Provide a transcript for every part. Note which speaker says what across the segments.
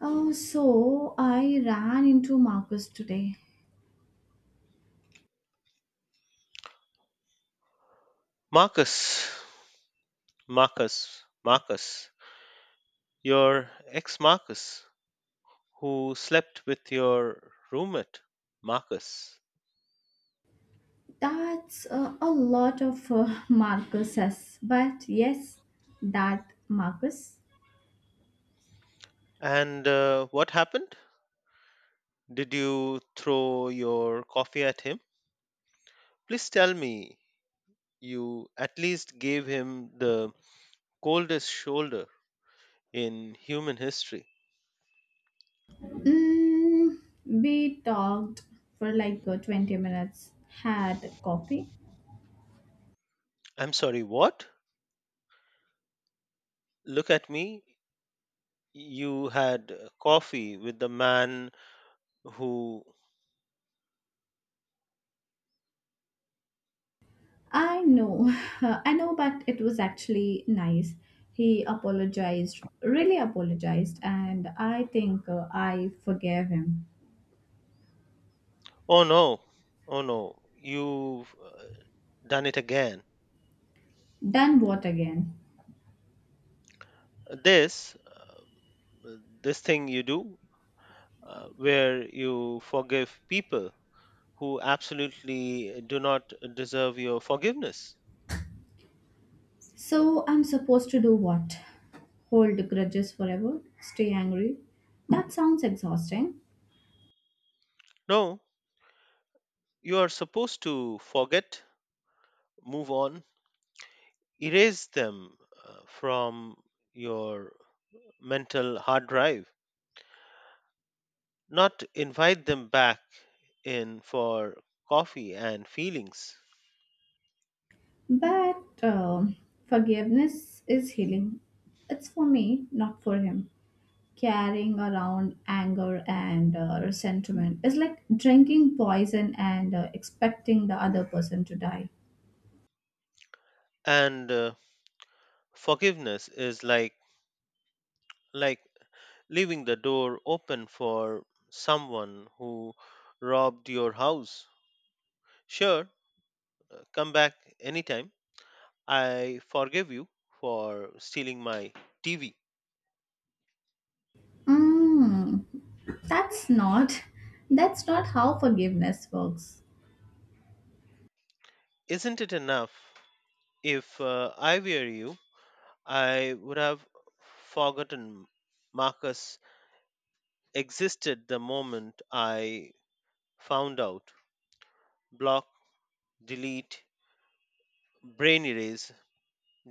Speaker 1: Oh, so I ran into Marcus today.
Speaker 2: Marcus, Marcus, Marcus, your ex Marcus, who slept with your roommate, Marcus.
Speaker 1: That's a lot of Marcuses, but yes, that Marcus.
Speaker 2: And what happened? Did you throw your coffee at him? Please tell me you at least gave him the coldest shoulder in human history.
Speaker 1: Mm, we talked for like 20 minutes, had coffee.
Speaker 2: I'm sorry, what? Look at me. You had coffee with the man who.
Speaker 1: I know, I know, but it was actually nice. He apologized, really apologized, and I think I forgave him.
Speaker 2: Oh no, Oh no, you done it again.
Speaker 1: Done what again?
Speaker 2: This this thing you do, where you forgive people who absolutely do not deserve your forgiveness.
Speaker 1: So I'm supposed to do what? Hold grudges forever? Stay angry? That sounds exhausting.
Speaker 2: No, you are supposed to forget, move on, erase them from your mental hard drive, not invite them back in for coffee and feelings.
Speaker 1: But forgiveness is healing. It's for me, not for him. Carrying around anger and resentment is like drinking poison and expecting the other person to die.
Speaker 2: And Forgiveness is like like leaving the door open for someone who robbed your house. Sure, come back anytime. I forgive you for stealing my TV.
Speaker 1: Mm, that's not. That's not how forgiveness works.
Speaker 2: Isn't it enough? If I were you, I would have forgotten Marcus existed the moment I found out. Block, delete, brain erase,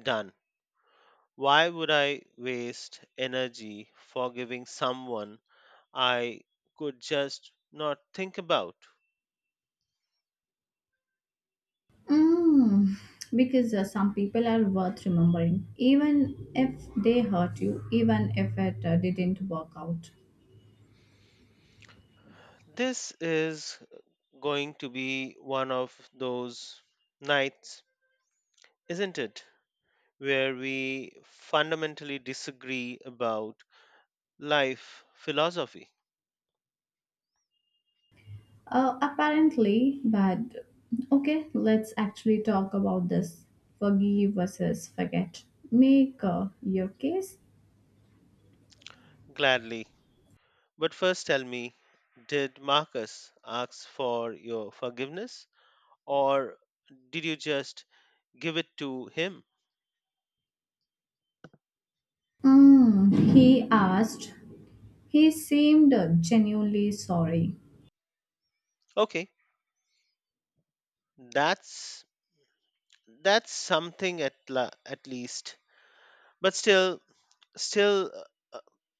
Speaker 2: done. Why would I waste energy forgiving someone I could just not think about.
Speaker 1: Mm, because some people are worth remembering, even if they hurt you, even if it didn't work out.
Speaker 2: This is going to be one of those nights, isn't it? Where we fundamentally disagree about life philosophy.
Speaker 1: Apparently, but okay, let's actually talk about this forgive versus forget. Make your case.
Speaker 2: Gladly. But first tell me, did Marcus ask for your forgiveness or did you just give it to him?
Speaker 1: Mm, he asked. He seemed genuinely sorry.
Speaker 2: Okay, that's something at least. But still, uh,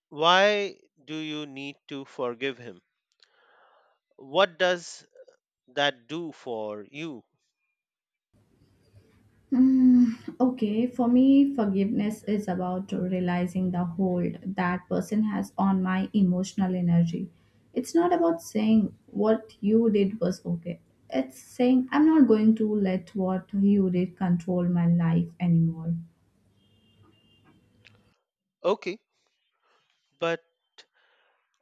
Speaker 2: why do you need to forgive him? What does that do for you?
Speaker 1: Mm, okay, for me, forgiveness is about realizing the hold that person has on my emotional energy. It's not about saying what you did was okay. It's saying I'm not going to let what you did control my life anymore.
Speaker 2: Okay, but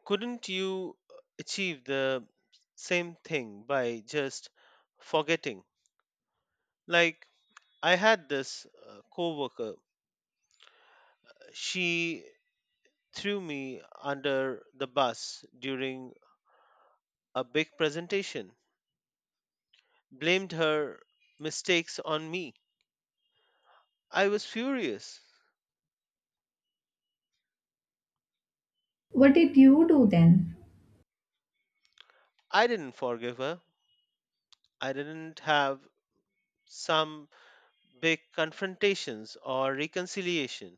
Speaker 2: couldn't you achieve the same thing by just forgetting? Like I had this coworker, she threw me under the bus during a big presentation, blamed her mistakes on me. I was furious.
Speaker 1: What did you do then?
Speaker 2: I didn't forgive her. I didn't have some big confrontations or reconciliation.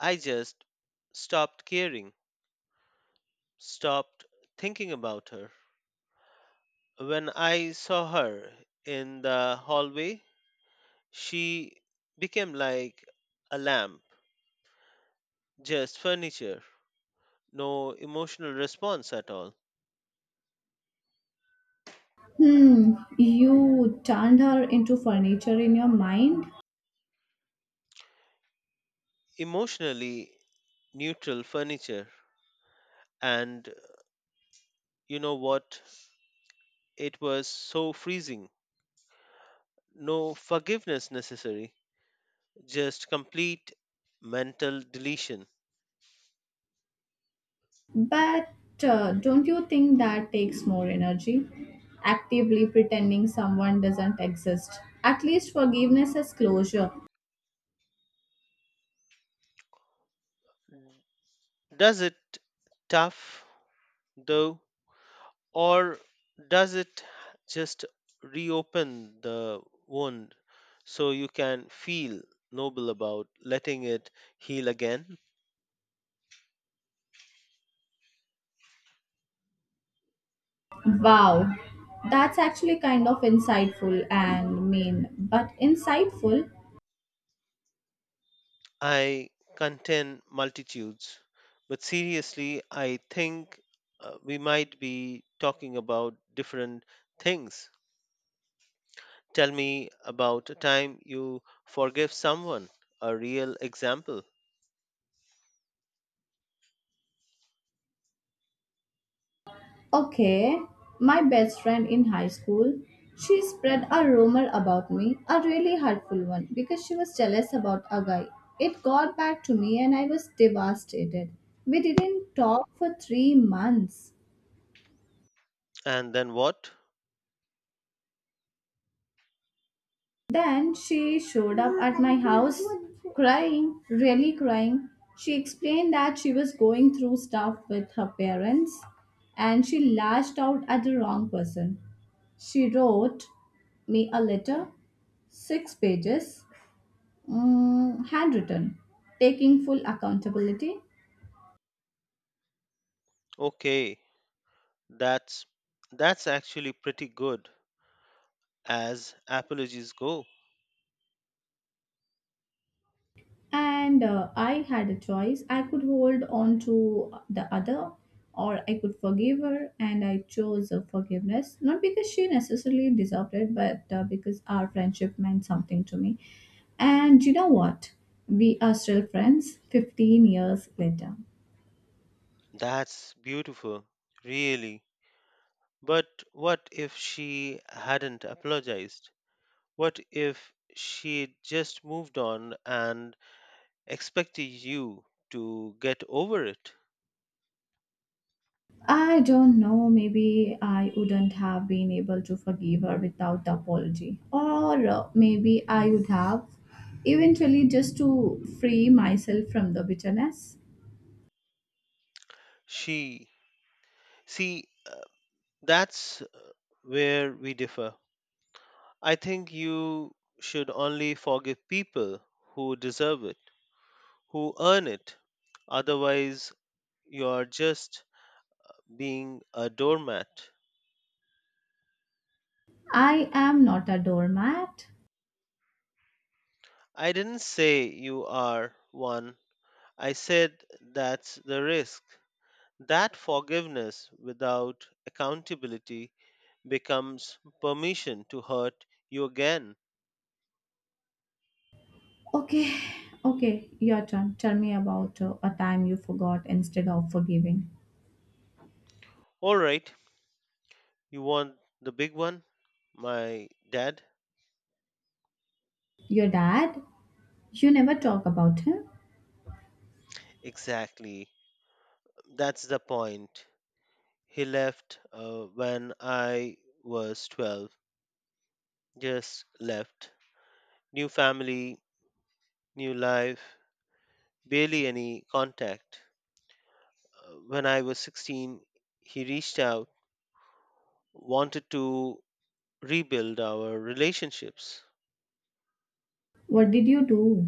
Speaker 2: I just stopped caring, stopped thinking about her. When I saw her in the hallway, she became like a lamp, just furniture, no emotional response at all.
Speaker 1: Hmm, you turned her into furniture in your mind?
Speaker 2: Emotionally neutral furniture. And you know what? It was so freezing. No forgiveness necessary, just complete mental deletion.
Speaker 1: But don't you think that takes more energy? Actively pretending someone doesn't exist. At least forgiveness is closure.
Speaker 2: Does it tough though, or does it just reopen the wound so you can feel noble about letting it heal again?
Speaker 1: Wow, that's actually kind of insightful and mean, but insightful.
Speaker 2: I contend multitudes, but seriously, I think we might be talking about different things. Tell me about a time you forgave someone, a real example.
Speaker 1: Okay, my best friend in high school, she spread a rumor about me, a really hurtful one, because she was jealous about a guy. It got back to me and I was devastated. We didn't talk for three months.
Speaker 2: And then what?
Speaker 1: Then she showed up at my house crying, really crying. She explained that she was going through stuff with her parents and she lashed out at the wrong person. She wrote me a letter, six pages, mm, handwritten, taking full accountability.
Speaker 2: Okay, that's actually pretty good as apologies go.
Speaker 1: And I had a choice. I could hold on to the other or I could forgive her, and I chose forgiveness, not because she necessarily deserved it, but because our friendship meant something to me. And you know what? We are still friends 15 years later.
Speaker 2: That's beautiful, really. But what if she hadn't apologized? What if she just moved on and expected you to get over it?
Speaker 1: I don't know, maybe I wouldn't have been able to forgive her without the apology, or maybe I would have eventually, just to free myself from the bitterness.
Speaker 2: She see uh, that's where we differ. I think you should only forgive people who deserve it, who earn it. Otherwise, you are just being a doormat.
Speaker 1: I am not a doormat.
Speaker 2: I didn't say you are one. I said that's the risk. That forgiveness without accountability becomes permission to hurt you again.
Speaker 1: Okay, okay, your turn. Tell me about a time you forgot instead of forgiving.
Speaker 2: All right, you want the big one? My dad?
Speaker 1: Your dad? You never talk about him.
Speaker 2: Exactly. That's the point. He left when I was 12. Just left. New family, new life, barely any contact. When I was 16, he reached out, wanted to rebuild our relationships.
Speaker 1: What did you do?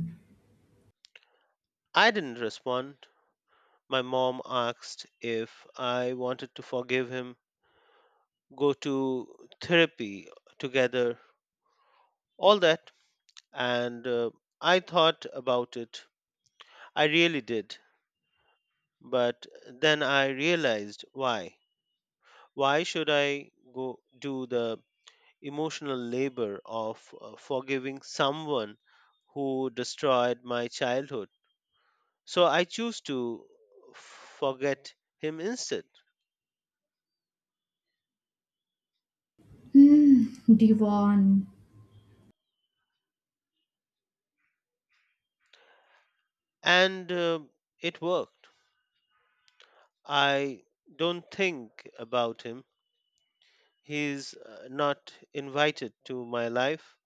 Speaker 2: I didn't respond. My mom asked if I wanted to forgive him, go to therapy together, all that. And I thought about it. I really did. But then I realized why. Why should I go do the emotional labor of forgiving someone who destroyed my childhood? So I choose to forget him instead.
Speaker 1: Hmm, Devon.
Speaker 2: And It worked. I don't think about him. He's not invited to my life.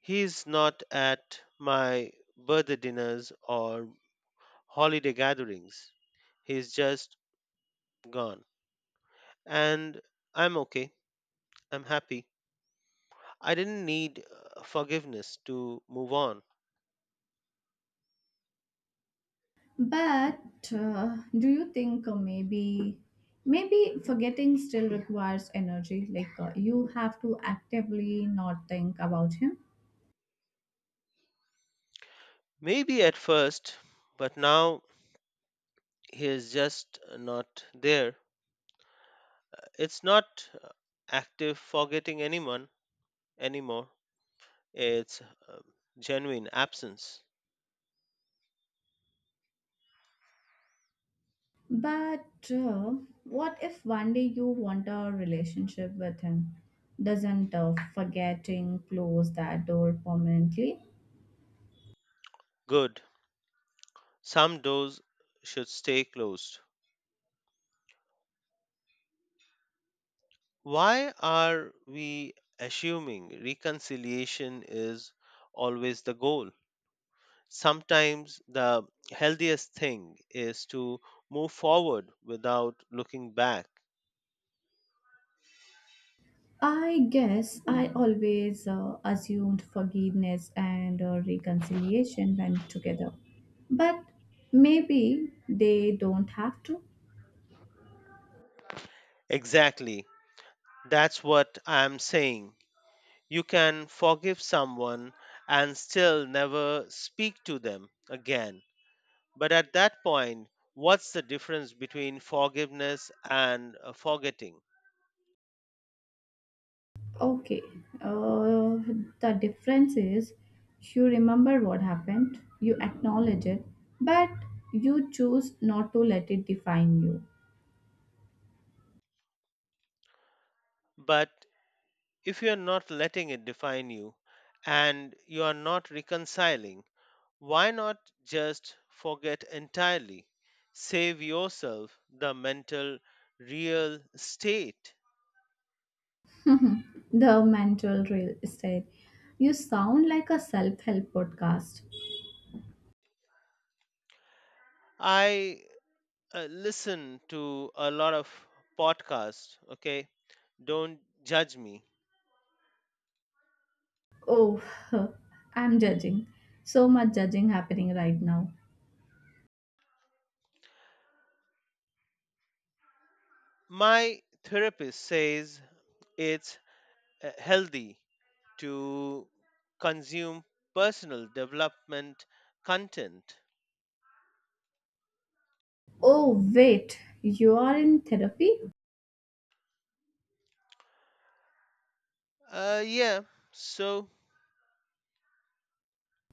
Speaker 2: He's not at my birthday dinners or holiday gatherings. He's just gone. And I'm okay. I'm happy. I didn't need forgiveness to move on.
Speaker 1: But do you think maybe forgetting still requires energy? Like you have to actively not think about him.
Speaker 2: Maybe at first, but now he is just not there. It's not uh, active forgetting anyone anymore. It's um, genuine absence.
Speaker 1: But what if one day you want a relationship with him? Doesn't forgetting close that door permanently?
Speaker 2: Good. Some doors should stay closed. Why are we assuming reconciliation is always the goal? Sometimes the healthiest thing is to move forward without looking back.
Speaker 1: I guess I always assumed forgiveness and reconciliation went together. But maybe they don't have to.
Speaker 2: Exactly. That's what I'm saying. You can forgive someone and still never speak to them again. But at that point, what's the difference between forgiveness and forgetting?
Speaker 1: Okay. Uh, the difference is you remember what happened, you acknowledge it, but you choose not to let it define you.
Speaker 2: But if you are not letting it define you and you are not reconciling, why not just forget entirely? Save yourself the mental real state.
Speaker 1: The mental real estate. You sound like a self help podcast.
Speaker 2: I listen to a lot of podcasts, okay? Don't judge me.
Speaker 1: Oh, I'm judging. So much judging happening right now.
Speaker 2: My therapist says it's healthy to consume personal development content.
Speaker 1: Oh, wait, you are in therapy?
Speaker 2: Yeah. So,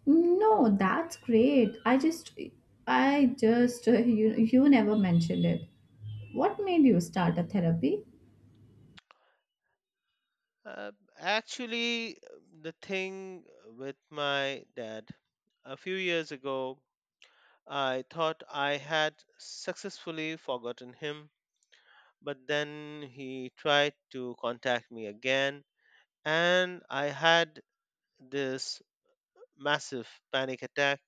Speaker 1: No, that's great. I just, you never mentioned it. What made you start a therapy?
Speaker 2: uh, actually, the thing with my dad, a few years ago, I thought I had successfully forgotten him, but then he tried to contact me again, and I had this massive panic attack.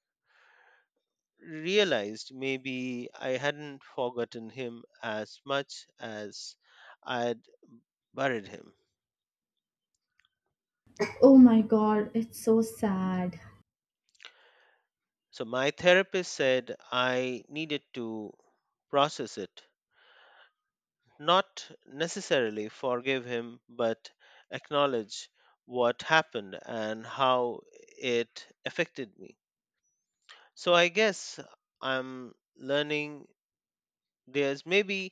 Speaker 2: Realized maybe I hadn't forgotten him as much as I'd buried him.
Speaker 1: Oh my god, it's so sad.
Speaker 2: So my therapist said I needed to process it, not necessarily forgive him, but acknowledge what happened and how it affected me. So I guess I'm learning there's maybe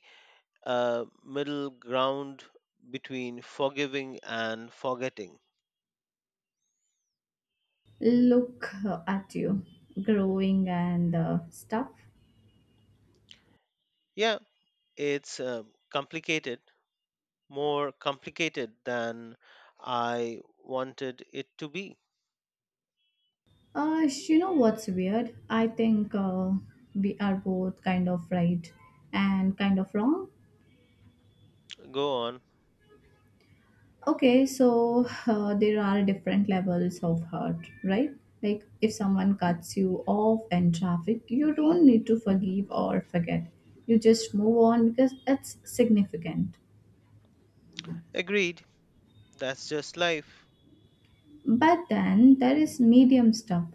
Speaker 2: a middle ground between forgiving and forgetting.
Speaker 1: Look at you, growing and stuff.
Speaker 2: Yeah, it's complicated, more complicated than I wanted it to be.
Speaker 1: You know what's weird? I think we are both kind of right and kind of wrong.
Speaker 2: Go on.
Speaker 1: Okay, so there are different levels of hurt, right? Like if someone cuts you off in traffic, you don't need to forgive or forget. You just move on because it's significant.
Speaker 2: Agreed. That's just life.
Speaker 1: But then there is medium stuff.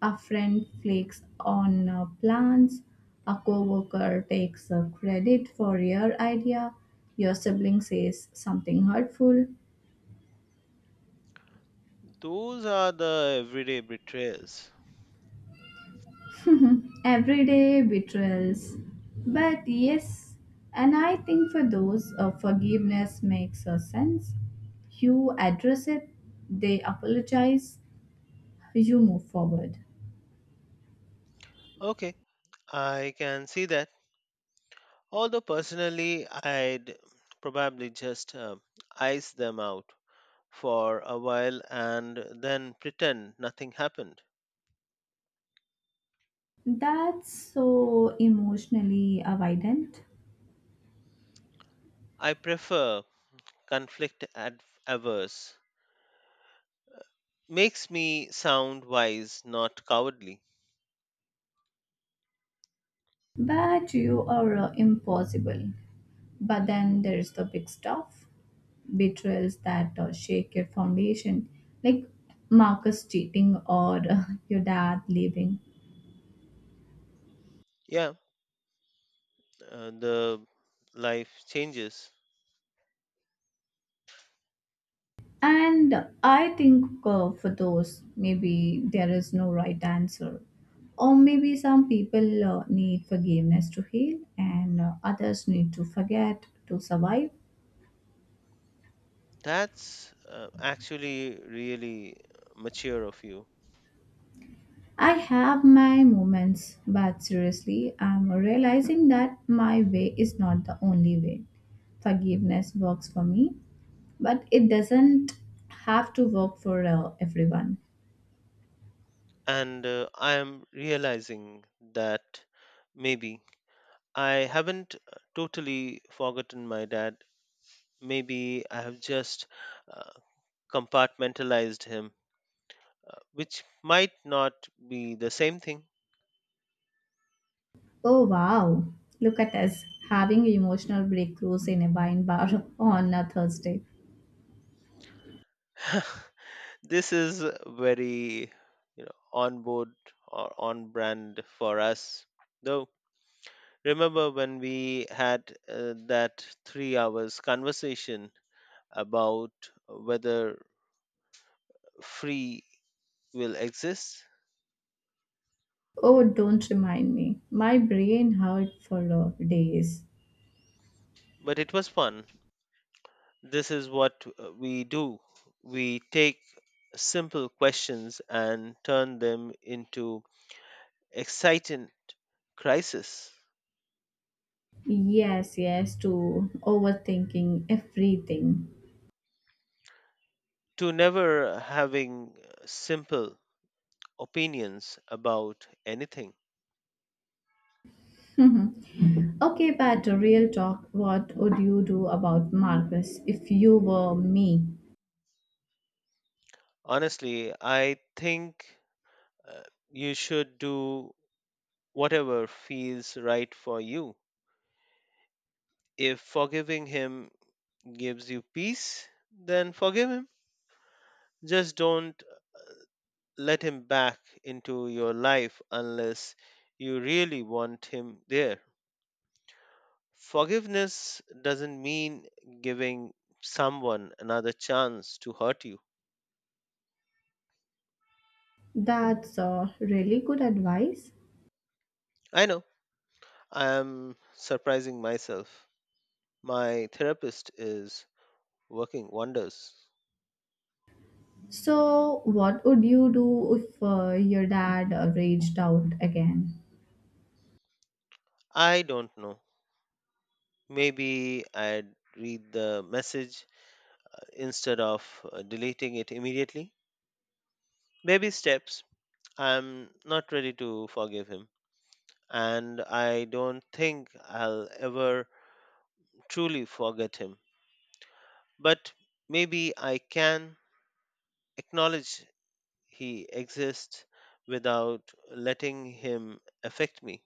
Speaker 1: A friend flakes on plans, a coworker takes credit for your idea, your sibling says something hurtful,
Speaker 2: Those are the everyday betrayals.
Speaker 1: everyday betrayals. But yes, and I think for those, forgiveness makes a sense. You address it, they apologize, you move forward.
Speaker 2: Okay, I can see that. Although personally, I'd probably just ice them out for a while and then pretend nothing happened.
Speaker 1: That's so emotionally avoidant,
Speaker 2: I prefer conflict averse. Makes me sound wise, not cowardly.
Speaker 1: but you are impossible. But then there's the big stuff, betrayals that shake your foundation, like Marcus cheating or your dad leaving.
Speaker 2: Yeah, the life changes.
Speaker 1: And I think for those, maybe there is no right answer. Or maybe some people need forgiveness to heal, and others need to forget to survive.
Speaker 2: That's actually really mature of you.
Speaker 1: I have my moments, but seriously, I'm realizing that my way is not the only way. Forgiveness works for me, but it doesn't have to work for everyone.
Speaker 2: And I am realizing that maybe I haven't totally forgotten my dad. Maybe I have just uh, compartmentalized him, which might not be the same thing.
Speaker 1: Oh wow, look at us having emotional breakthroughs in a wine bar on a Thursday.
Speaker 2: This is very, on board or on brand for us, though. Remember when we had that 3 hours conversation about whether free will exist?
Speaker 1: Oh, don't remind me. My brain hurt for days.
Speaker 2: But it was fun. This is what we do. We take simple questions and turn them into exciting crisis.
Speaker 1: Yes, yes, to overthinking everything.
Speaker 2: To never having simple opinions about anything.
Speaker 1: Okay, but real talk, what would you do about Marcus if you were me?
Speaker 2: Honestly, I think uh, you should do whatever feels right for you. If forgiving him gives you peace, then forgive him. Just don't let him back into your life unless you really want him there. Forgiveness doesn't mean giving someone another chance to hurt you.
Speaker 1: That's really good advice.
Speaker 2: I know, I am surprising myself. My therapist is working wonders.
Speaker 1: So, what would you do if your dad raged out again?
Speaker 2: I don't know. Maybe I'd read the message instead of deleting it immediately. Baby steps. I'm not ready to forgive him, and I don't think I'll ever truly forget him. But maybe I can acknowledge he exists without letting him affect me.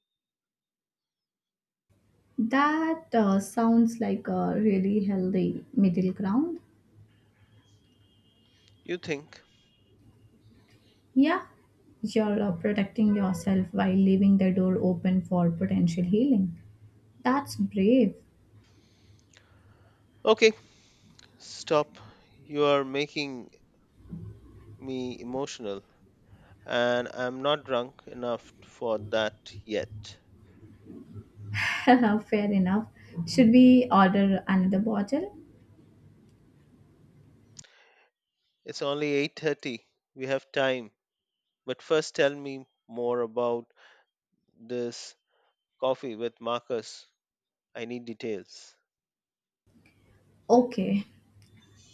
Speaker 1: That sounds like a really healthy middle ground.
Speaker 2: You think?
Speaker 1: Yeah, you're protecting yourself while leaving the door open for potential healing. That's brave.
Speaker 2: Okay, stop. You are making me emotional, and I'm not drunk enough for that yet.
Speaker 1: Fair enough. Should we order another bottle?
Speaker 2: It's only 8:30. We have time. But first, tell me more about this coffee with Marcus. I need details.
Speaker 1: Okay,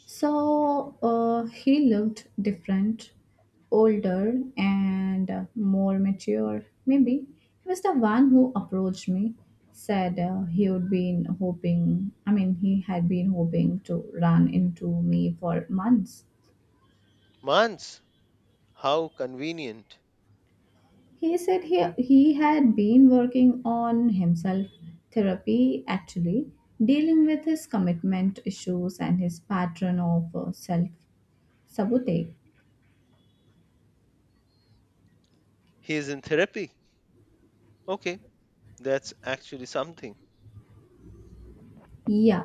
Speaker 1: so he looked different, older, and more mature. Maybe he was the one who approached me, said he had been hoping to run into me for months.
Speaker 2: Mans, how convenient.
Speaker 1: He said he had been working on himself, therapy actually, dealing with his commitment issues and his pattern of self sabotage.
Speaker 2: He is in therapy. Okay, that's actually something.
Speaker 1: Yeah.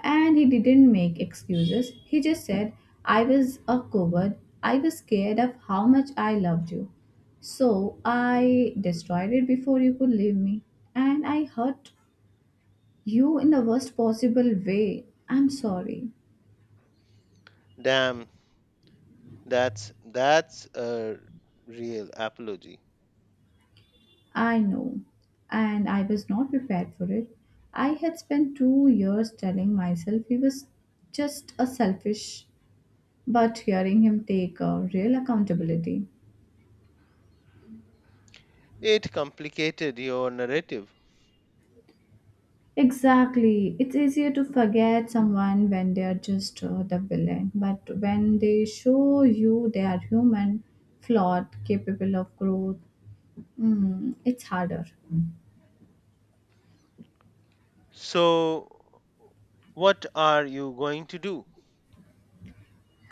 Speaker 1: And he didn't make excuses. He just said, "I was a coward. I was scared of how much I loved you. So I destroyed it before you could leave me. And I hurt you in the worst possible way. I'm sorry."
Speaker 2: Damn, that's a real apology.
Speaker 1: I know. And I was not prepared for it. I had spent 2 years telling myself he was just a selfish, but hearing him take a real accountability.
Speaker 2: It complicated your narrative.
Speaker 1: Exactly. It's easier to forget someone when they are just the villain, but when they show you they are human, flawed, capable of growth, mm, it's harder.
Speaker 2: So, what are you going to do?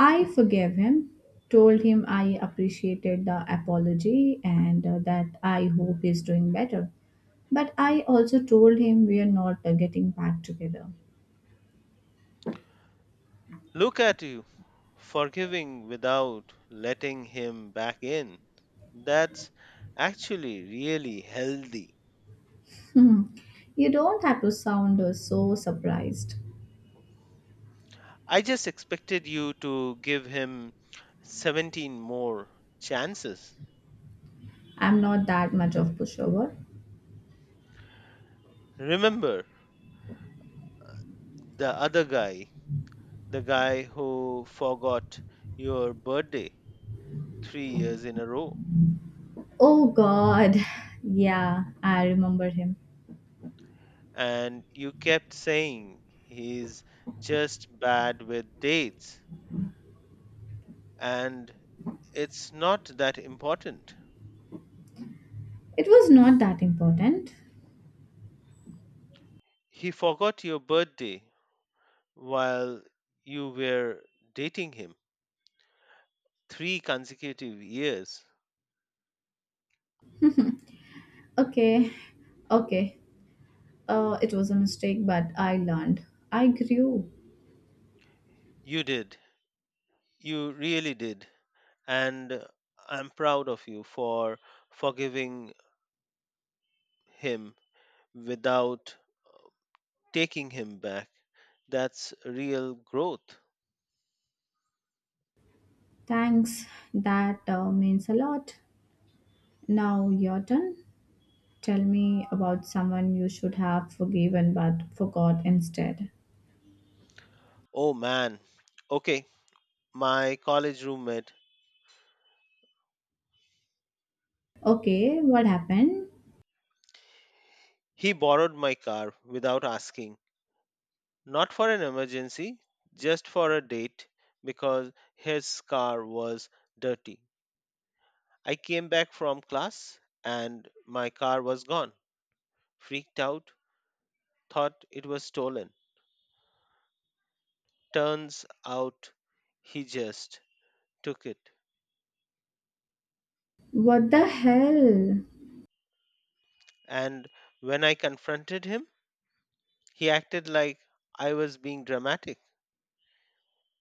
Speaker 1: I forgave him, told him I appreciated the apology and that I hope he's doing better. But I also told him we are not getting back together.
Speaker 2: Look at you, forgiving without letting him back in. That's actually really healthy.
Speaker 1: Hmm. You don't have to sound so surprised.
Speaker 2: I just expected you to give him 17 more chances.
Speaker 1: I'm not that much of pushover.
Speaker 2: Remember the other guy, the guy who forgot your birthday 3 years in a row,
Speaker 1: Oh god. Yeah, I remember him.
Speaker 2: and you kept saying he's just bad with dates and it's not that important.
Speaker 1: It was not that important.
Speaker 2: He forgot your birthday while you were dating him, 3 consecutive years.
Speaker 1: Okay. Okay. Uh, it was a mistake, but I learned. I grew.
Speaker 2: You did. You really did. And I'm proud of you for forgiving him without taking him back. That's real growth.
Speaker 1: Thanks. That means a lot. Now your turn. Tell me about someone you should have forgiven but forgot instead.
Speaker 2: Oh man. Okay, my college roommate,
Speaker 1: Okay, what happened?
Speaker 2: he borrowed my car without asking. Not for an emergency, just for a date because his car was dirty. I came back from class and my car was gone. Freaked out, thought it was stolen. Turns out he just took it.
Speaker 1: What the hell?
Speaker 2: And when I confronted him, he acted like I was being dramatic.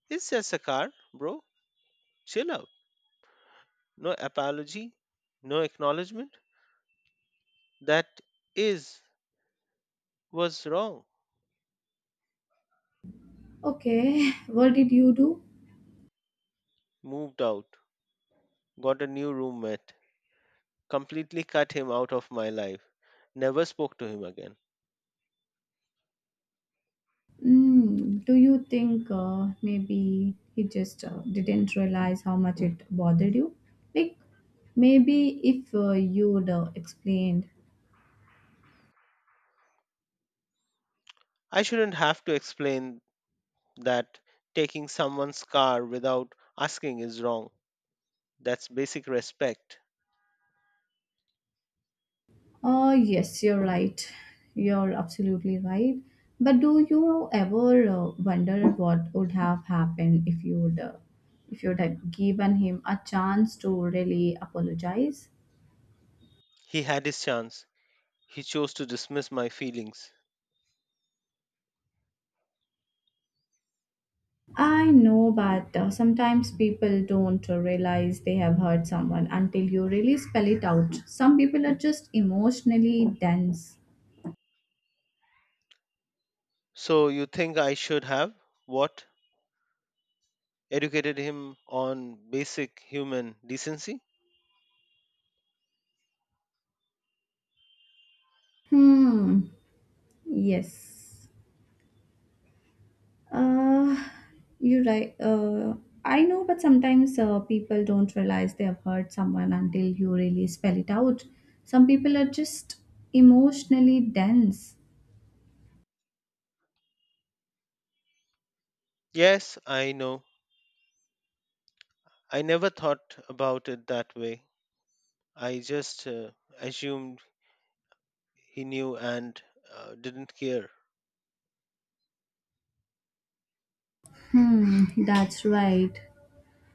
Speaker 2: It's just a car, bro. Chill out. No apology, no acknowledgement. That is was wrong.
Speaker 1: Okay, what did you do?
Speaker 2: Moved out, got a new roommate, completely cut him out of my life. Never spoke to him again.
Speaker 1: Mm, do you think maybe he just didn't realize how much it bothered you? Like maybe if you would explained,
Speaker 2: I shouldn't have to explain that taking someone's car without asking is wrong. That's basic respect.
Speaker 1: oh yes, you're right, you're absolutely right. But do you ever wonder what would have happened if you would have given him a chance to really apologize?
Speaker 2: He had his chance. He chose to dismiss my feelings.
Speaker 1: I know, but sometimes people don't realize they have hurt someone until you really spell it out. Some people are just emotionally dense.
Speaker 2: So you think I should have what? Educated him on basic human decency?
Speaker 1: Hmm. Yes. Uh, you're right. I know, but sometimes people don't realize they have hurt someone until you really spell it out. Some people are just emotionally dense.
Speaker 2: Yes, I know. I never thought about it that way. I just assumed he knew and didn't care.
Speaker 1: Hmm. That's right.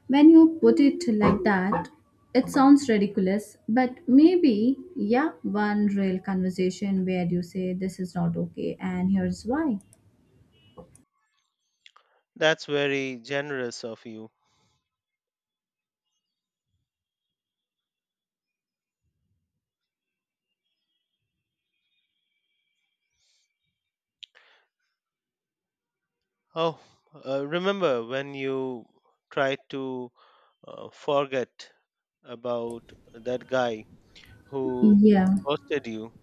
Speaker 1: When you put it like that, it sounds ridiculous, but maybe, yeah, one real conversation where you say this is not okay and here's why.
Speaker 2: That's very generous of you. Oh, remember when you tried to forget about that guy who
Speaker 1: Yeah.
Speaker 2: ghosted you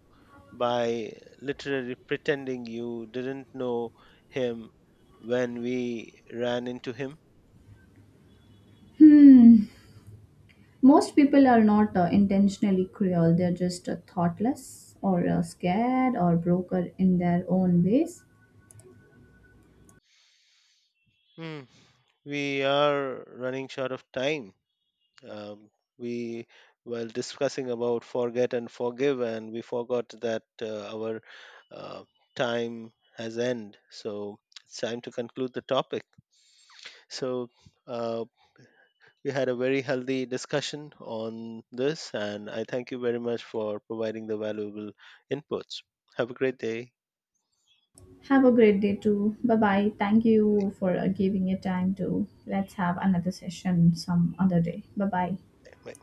Speaker 2: by literally pretending you didn't know him when we ran into him.
Speaker 1: Hmm. Most people are not intentionally cruel, they're just thoughtless or scared or broker in their own ways.
Speaker 2: Hmm, We are running short of time. Um, we while discussing about forget and forgive, and we forgot that our uh, time has end. So it's time to conclude the topic. So uh, We had a very healthy discussion on this, and I thank you very much for providing the valuable inputs. Have a great day.
Speaker 1: Have a great day too. Bye bye. Thank you for giving your time to. Let's have another session some other day. Bye bye.
Speaker 2: Bye.